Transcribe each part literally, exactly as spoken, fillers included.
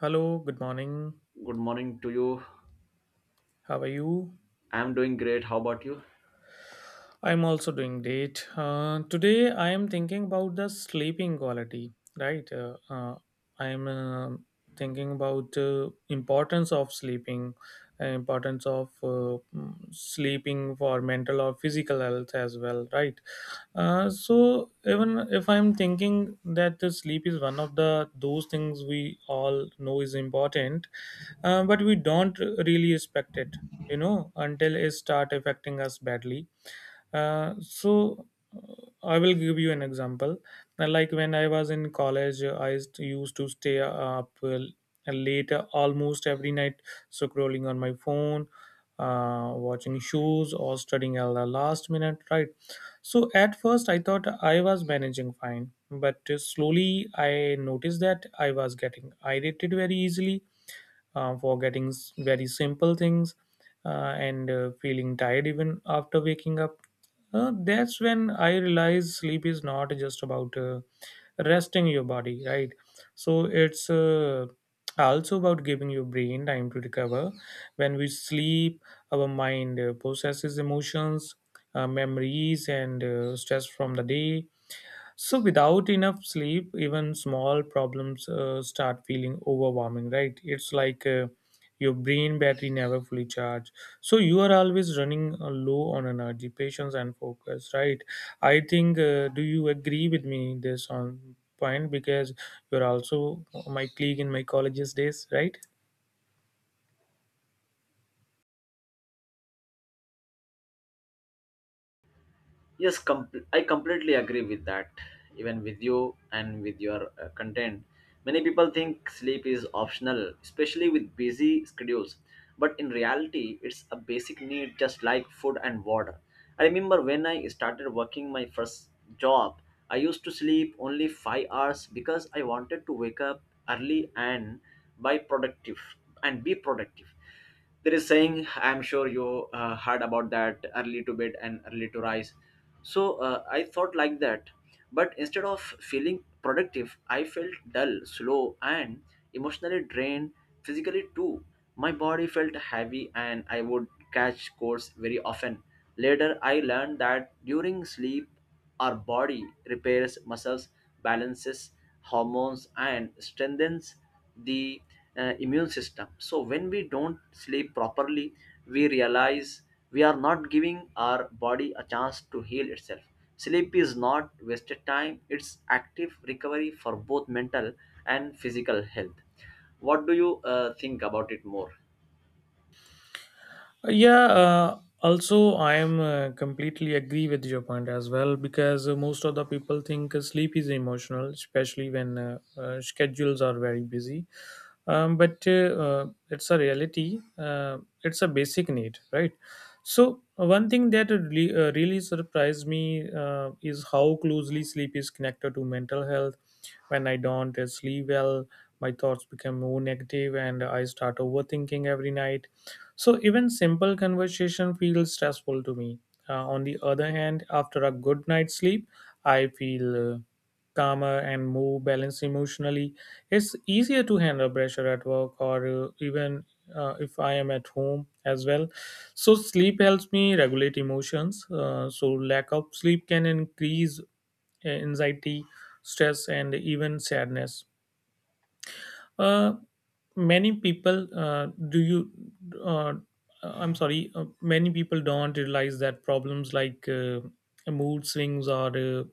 Hello, good morning. Good morning to you. How are you? I'm doing great. How about you? I'm also doing great. Uh, today, I am thinking about the sleeping quality, right? Uh, uh, I'm uh, thinking about uh, importance of sleeping, uh, importance of uh, mm, sleeping for mental or physical health as well, right? Uh, so even if I'm thinking that the sleep is one of the those things we all know is important, uh, but we don't really respect it, you know, until it start affecting us badly. Uh, so uh, I will give you an example. Uh, Like when I was in college, uh, I used used to stay up uh, late uh, almost every night, so scrolling on my phone, uh, watching shows, or studying at the last minute, right? So at first, I thought I was managing fine, but uh, slowly I noticed that I was getting irritated very easily uh, for getting s- very simple things uh, and uh, feeling tired even after waking up. Uh, that's when I realize sleep is not just about uh, resting your body, right? So it's uh, also about giving your brain time to recover. When we sleep, our mind uh, processes emotions, uh, memories, and uh, stress from the day. So, without enough sleep, even small problems uh, start feeling overwhelming, right? It's like uh, your brain battery never fully charged. So, you are always running uh, low on energy, patience, and focus, right? I think, uh, do you agree with me this on point? Because you're also my colleague in my college's days, right? Yes, com- I completely agree with that. Even with you and with your uh, content, many people think sleep is optional, especially with busy schedules. But in reality, it's a basic need just like food and water. I remember when I started working my first job, I used to sleep only five hours because I wanted to wake up early and by productive and be productive There is saying I'm sure you uh, heard about that, early to bed and early to rise. So uh, I thought like that, but instead of feeling productive, I felt dull, slow, and emotionally drained, physically too. My body felt heavy and I would catch colds very often. Later I learned that during sleep our body repairs muscles, balances hormones, and strengthens the uh, immune system. So, when we don't sleep properly, we realize we are not giving our body a chance to heal itself. Sleep is not wasted time, it's active recovery for both mental and physical health. What do you uh, think about it more? Yeah, uh, also I am uh, completely agree with your point as well, because uh, most of the people think uh, sleep is emotional, especially when uh, uh, schedules are very busy. Um, but uh, uh, it's a reality, uh, it's a basic need, right? So one thing that really, uh, really surprised me uh, is how closely sleep is connected to mental health. When I don't uh, sleep well, my thoughts become more negative and I start overthinking every night. So even simple conversation feels stressful to me. Uh, on the other hand, after a good night's sleep, I feel uh, calmer and more balanced emotionally. It's easier to handle pressure at work, or uh, even uh, if I am at home as well. So sleep helps me regulate emotions. Uh, so lack of sleep can increase uh, anxiety, stress, and even sadness. Uh, many people uh, do you uh, I'm sorry uh, many people don't realize that problems like uh, mood swings or uh,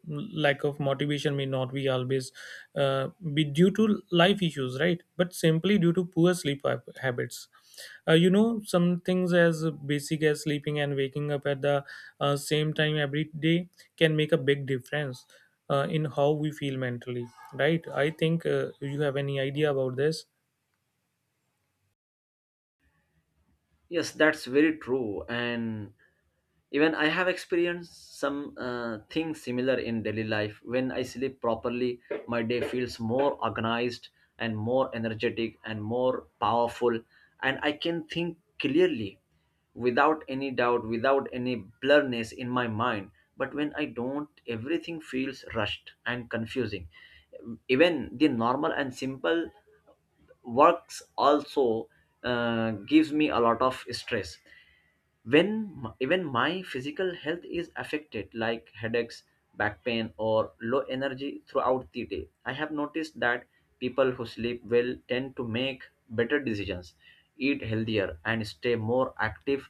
lack of motivation may not be always uh, be due to life issues, right, but simply due to poor sleep hab- habits. Uh, you know, some things as basic as sleeping and waking up at the uh, same time every day can make a big difference uh, in how we feel mentally, right? I think, uh, you have any idea about this? Yes, that's very true. And even I have experienced some uh, things similar in daily life. When I sleep properly, my day feels more organized and more energetic and more powerful. And I can think clearly without any doubt, without any blurriness in my mind. But when I don't, everything feels rushed and confusing. Even the normal and simple works also uh, gives me a lot of stress when m- even my physical health is affected, like headaches, back pain, or low energy throughout the day. I have noticed that people who sleep well tend to make better decisions, eat healthier, and stay more active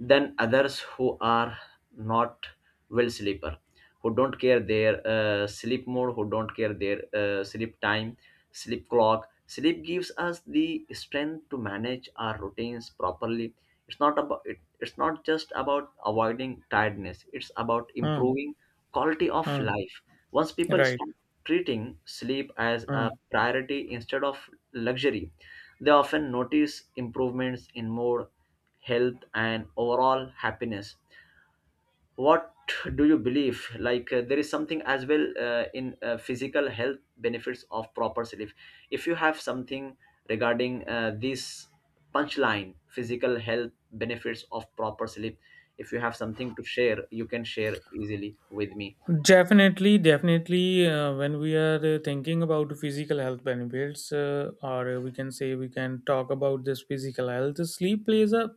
then others who are not well sleeper, who don't care their uh, sleep mode, who don't care their uh, sleep time, sleep clock. Sleep gives us the strength to manage our routines properly. It's not about it, it's not just about avoiding tiredness, it's about Mm. improving quality of Mm. life. Once people Right. start treating sleep as a Mm. priority instead of luxury, they often notice improvements in mood, health, and overall happiness. What do you believe, like uh, there is something as well uh, in uh, physical health benefits of proper sleep? If you have something regarding uh, this punchline, physical health benefits of proper sleep, if you have something to share, you can share easily with me. Definitely, definitely. Uh, when we are uh, thinking about physical health benefits, uh, or uh, we can say we can talk about this physical health, sleep plays a,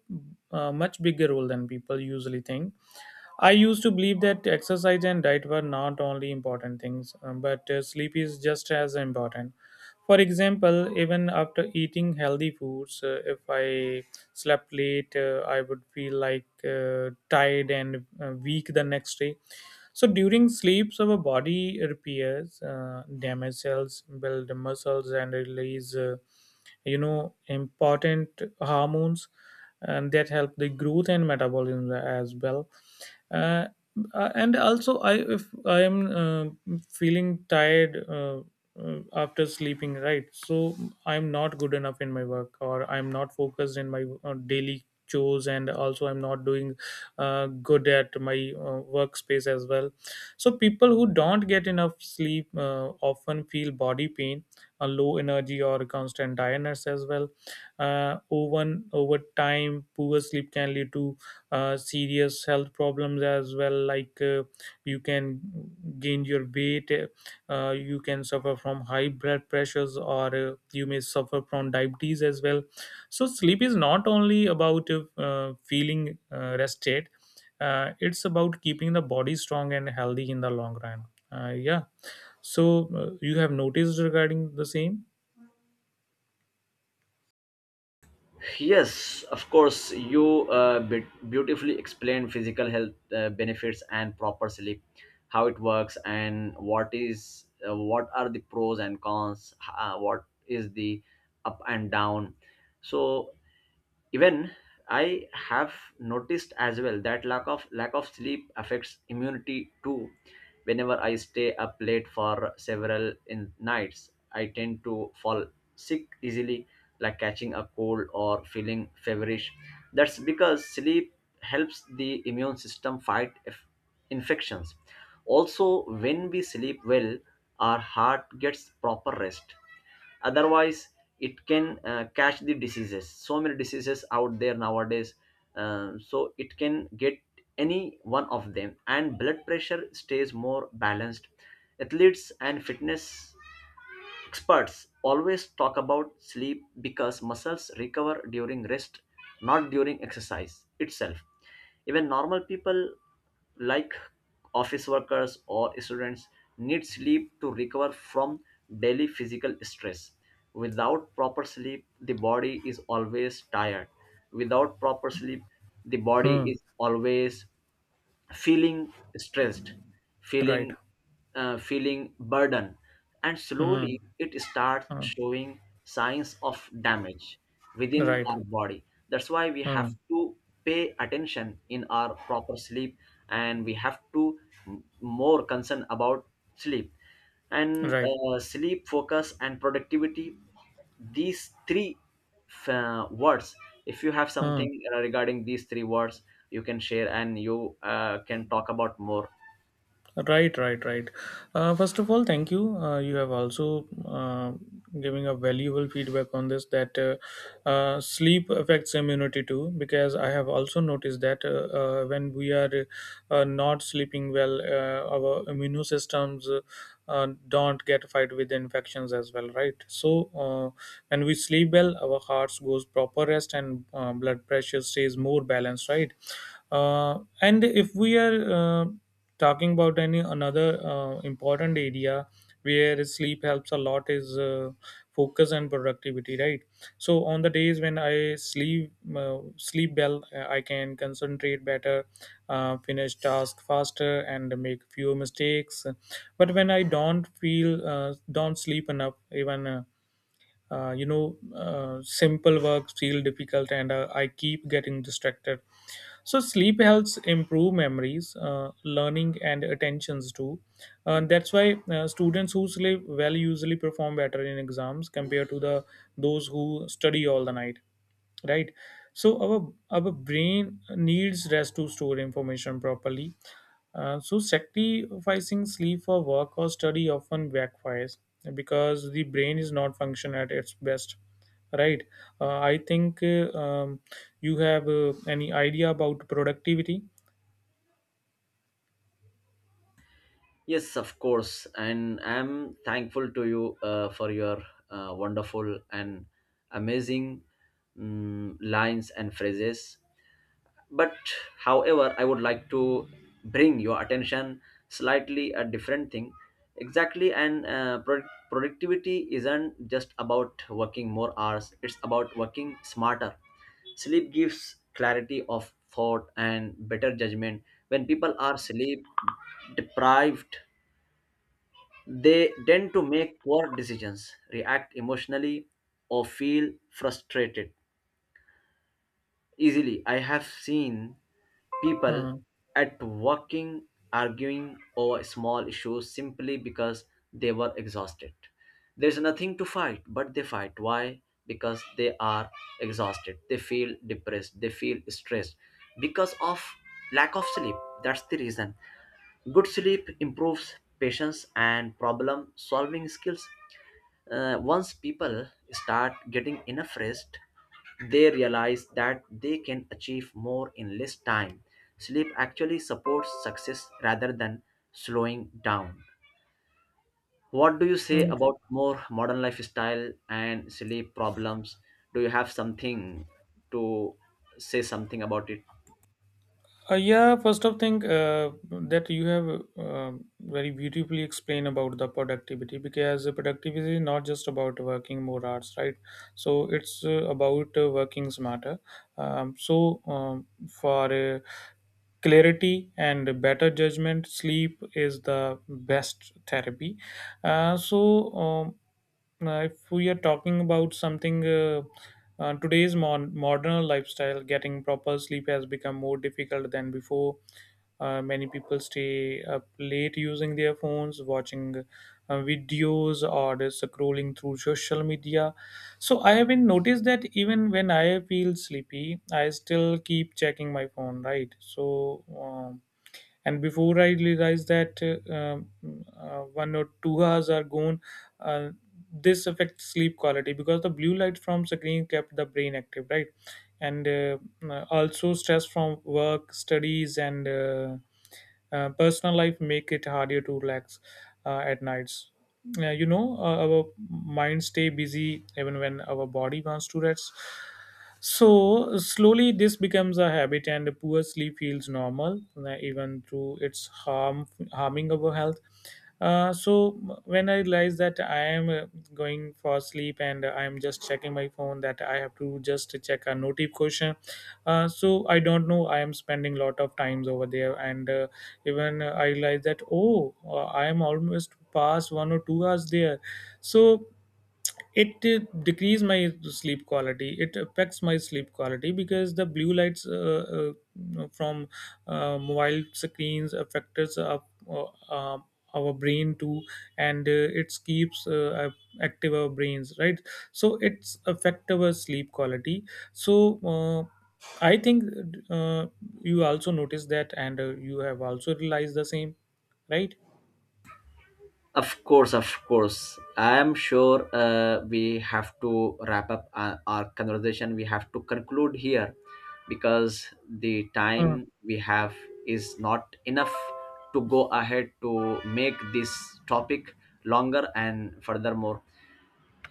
uh much bigger role than people usually think. I used to believe that exercise and diet were not only important things, um, but uh, sleep is just as important. For example, even after eating healthy foods, uh, if I slept late, uh, I would feel like uh, tired and uh, weak the next day. So during sleeps, our body repairs uh, damaged cells, build muscles, and release, uh, you know, important hormones, and that help the growth and metabolism as well. Uh, uh, and also, I if I am uh, feeling tired uh, uh, after sleeping, right, so I'm not good enough in my work, or I'm not focused in my uh, daily chores, and also I'm not doing uh, good at my uh, workspace as well. So people who don't get enough sleep uh, often feel body pain, a low energy, or constant tiredness as well. uh, over over time, poor sleep can lead to uh, serious health problems as well, like uh, you can gain your weight, uh, uh, you can suffer from high blood pressures, or uh, you may suffer from diabetes as well. So sleep is not only about uh, feeling uh, rested, uh, it's about keeping the body strong and healthy in the long run. Uh, yeah, so uh, you have noticed regarding the same? Yes, of course, you uh, bit- beautifully explained physical health uh, benefits and proper sleep, how it works, and what is uh, what are the pros and cons, uh, what is the up and down. So even I have noticed as well that lack of lack of sleep affects immunity too. Whenever I stay up late for several in nights, I tend to fall sick easily, like catching a cold or feeling feverish. That's because sleep helps the immune system fight if- infections. Also, when we sleep well, our heart gets proper rest, otherwise it can uh, catch the diseases, so many diseases out there nowadays. Um, so it can get any one of them, and blood pressure stays more balanced. Athletes and fitness experts always talk about sleep because muscles recover during rest, not during exercise itself. Even normal people, like office workers or students, need sleep to recover from daily physical stress. Without proper sleep, the body is always tired. Without proper sleep, the body Hmm. is always feeling stressed, Right. feeling uh, feeling burden, and Hmm. slowly it starts Hmm. showing signs of damage within Right. our body. That's why we have Hmm. to pay attention in our proper sleep, and we have to m- more concern about sleep, and Right. uh, sleep, focus, and productivity, these three uh, words. If you have Hmm. something uh, regarding these three words, you can share, and you uh, can talk about more. Right, right, right. Uh, first of all, thank you. Uh, you have also uh, giving a valuable feedback on this that uh, uh, sleep affects immunity too. Because I have also noticed that uh, uh, when we are uh, not sleeping well, uh, our immune systems uh, uh, don't get fight with infections as well, right? So uh, when we sleep well, our hearts goes proper rest and uh, blood pressure stays more balanced, right? Uh, and if we are uh, talking about any another uh, important area where sleep helps a lot is uh, focus and productivity, right? So on the days when I sleep uh, sleep well, uh, I can concentrate better, uh, finish task faster, and make fewer mistakes. But when I don't feel uh, don't sleep enough, even uh, uh, you know uh, simple work feel difficult, and uh, I keep getting distracted. So sleep helps improve memories, uh, learning, and attentions too. And that's why uh, students who sleep well usually perform better in exams compared to the those who study all the night, right? So our our brain needs rest to store information properly. Uh, so sacrificing sleep for work or study often backfires, because the brain is not function at its best, right. uh, I think, uh, um, you have uh, any idea about productivity? Yes, of course, and I'm thankful to you uh, for your uh, wonderful and amazing mm lines and phrases. But however, I would like to bring your attention slightly a different thing. Exactly, and uh, pro- productivity isn't just about working more hours, it's about working smarter. Sleep gives clarity of thought and better judgment. When people are sleep deprived, they tend to make poor decisions, react emotionally, or feel frustrated easily. I have seen people Hmm. at working arguing over small issues simply because they were exhausted. There's nothing to fight, but they fight. Why? Because they are exhausted. They feel depressed. They feel stressed because of lack of sleep. That's the reason. Good sleep improves patience and problem solving skills. Uh, once people start getting enough rest, they realize that they can achieve more in less time. Sleep actually supports success rather than slowing down. What do you say about more modern lifestyle and sleep problems? Do you have something to say something about it? Uh, yeah, first of thing uh, that you have uh, very beautifully explained about the productivity, because the productivity is not just about working more hours, right? So it's uh, about uh, working smarter. Um, so um, for uh, clarity and better judgment, sleep is the best therapy. Uh, so. Um, uh, if we are talking about something, uh, uh, today's mon- modern lifestyle, getting proper sleep has become more difficult than before. Uh, many people stay up late using their phones, watching uh, videos, or just scrolling through social media. So I have been noticed that even when I feel sleepy, I still keep checking my phone, right? So um, and before I realize that uh, um, uh, one or two hours are gone. uh, this affects sleep quality because the blue light from screen kept the brain active, right? And uh, uh, also, stress from work studies and uh, uh, personal life make it harder to relax uh, at nights. Uh, you know, uh, our mind stay busy even when our body wants to rest. So slowly this becomes a habit and poor sleep feels normal, uh, even though it's harm harming our health. Uh, so when I realize that I am uh, going for sleep and I am just checking my phone that I have to just check a notification, uh, so I don't know I am spending lot of times over there, and uh, even uh, I realized that, oh, uh, I am almost past one or two hours there. So it did decrease my sleep quality, it affects my sleep quality because the blue lights, uh, uh, you know, from uh, mobile screens affects our, uh, uh, uh, our brain too. And uh, it keeps uh, active our brains, right? So it's affect our sleep quality. So uh, I think, uh, you also noticed that, and uh, you have also realized the same, right? Of course, of course. I am sure uh, we have to wrap up our, our conversation. We have to conclude here because the uh, time we have is not enough to go ahead to make this topic longer and furthermore.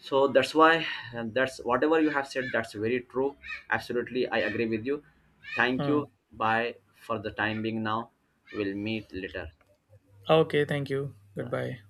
So that's why, and that's whatever you have said, that's very true. Absolutely, I agree with you. Thank uh. you. Bye for the time being now. We'll meet later. Okay, thank you, Bye. goodbye.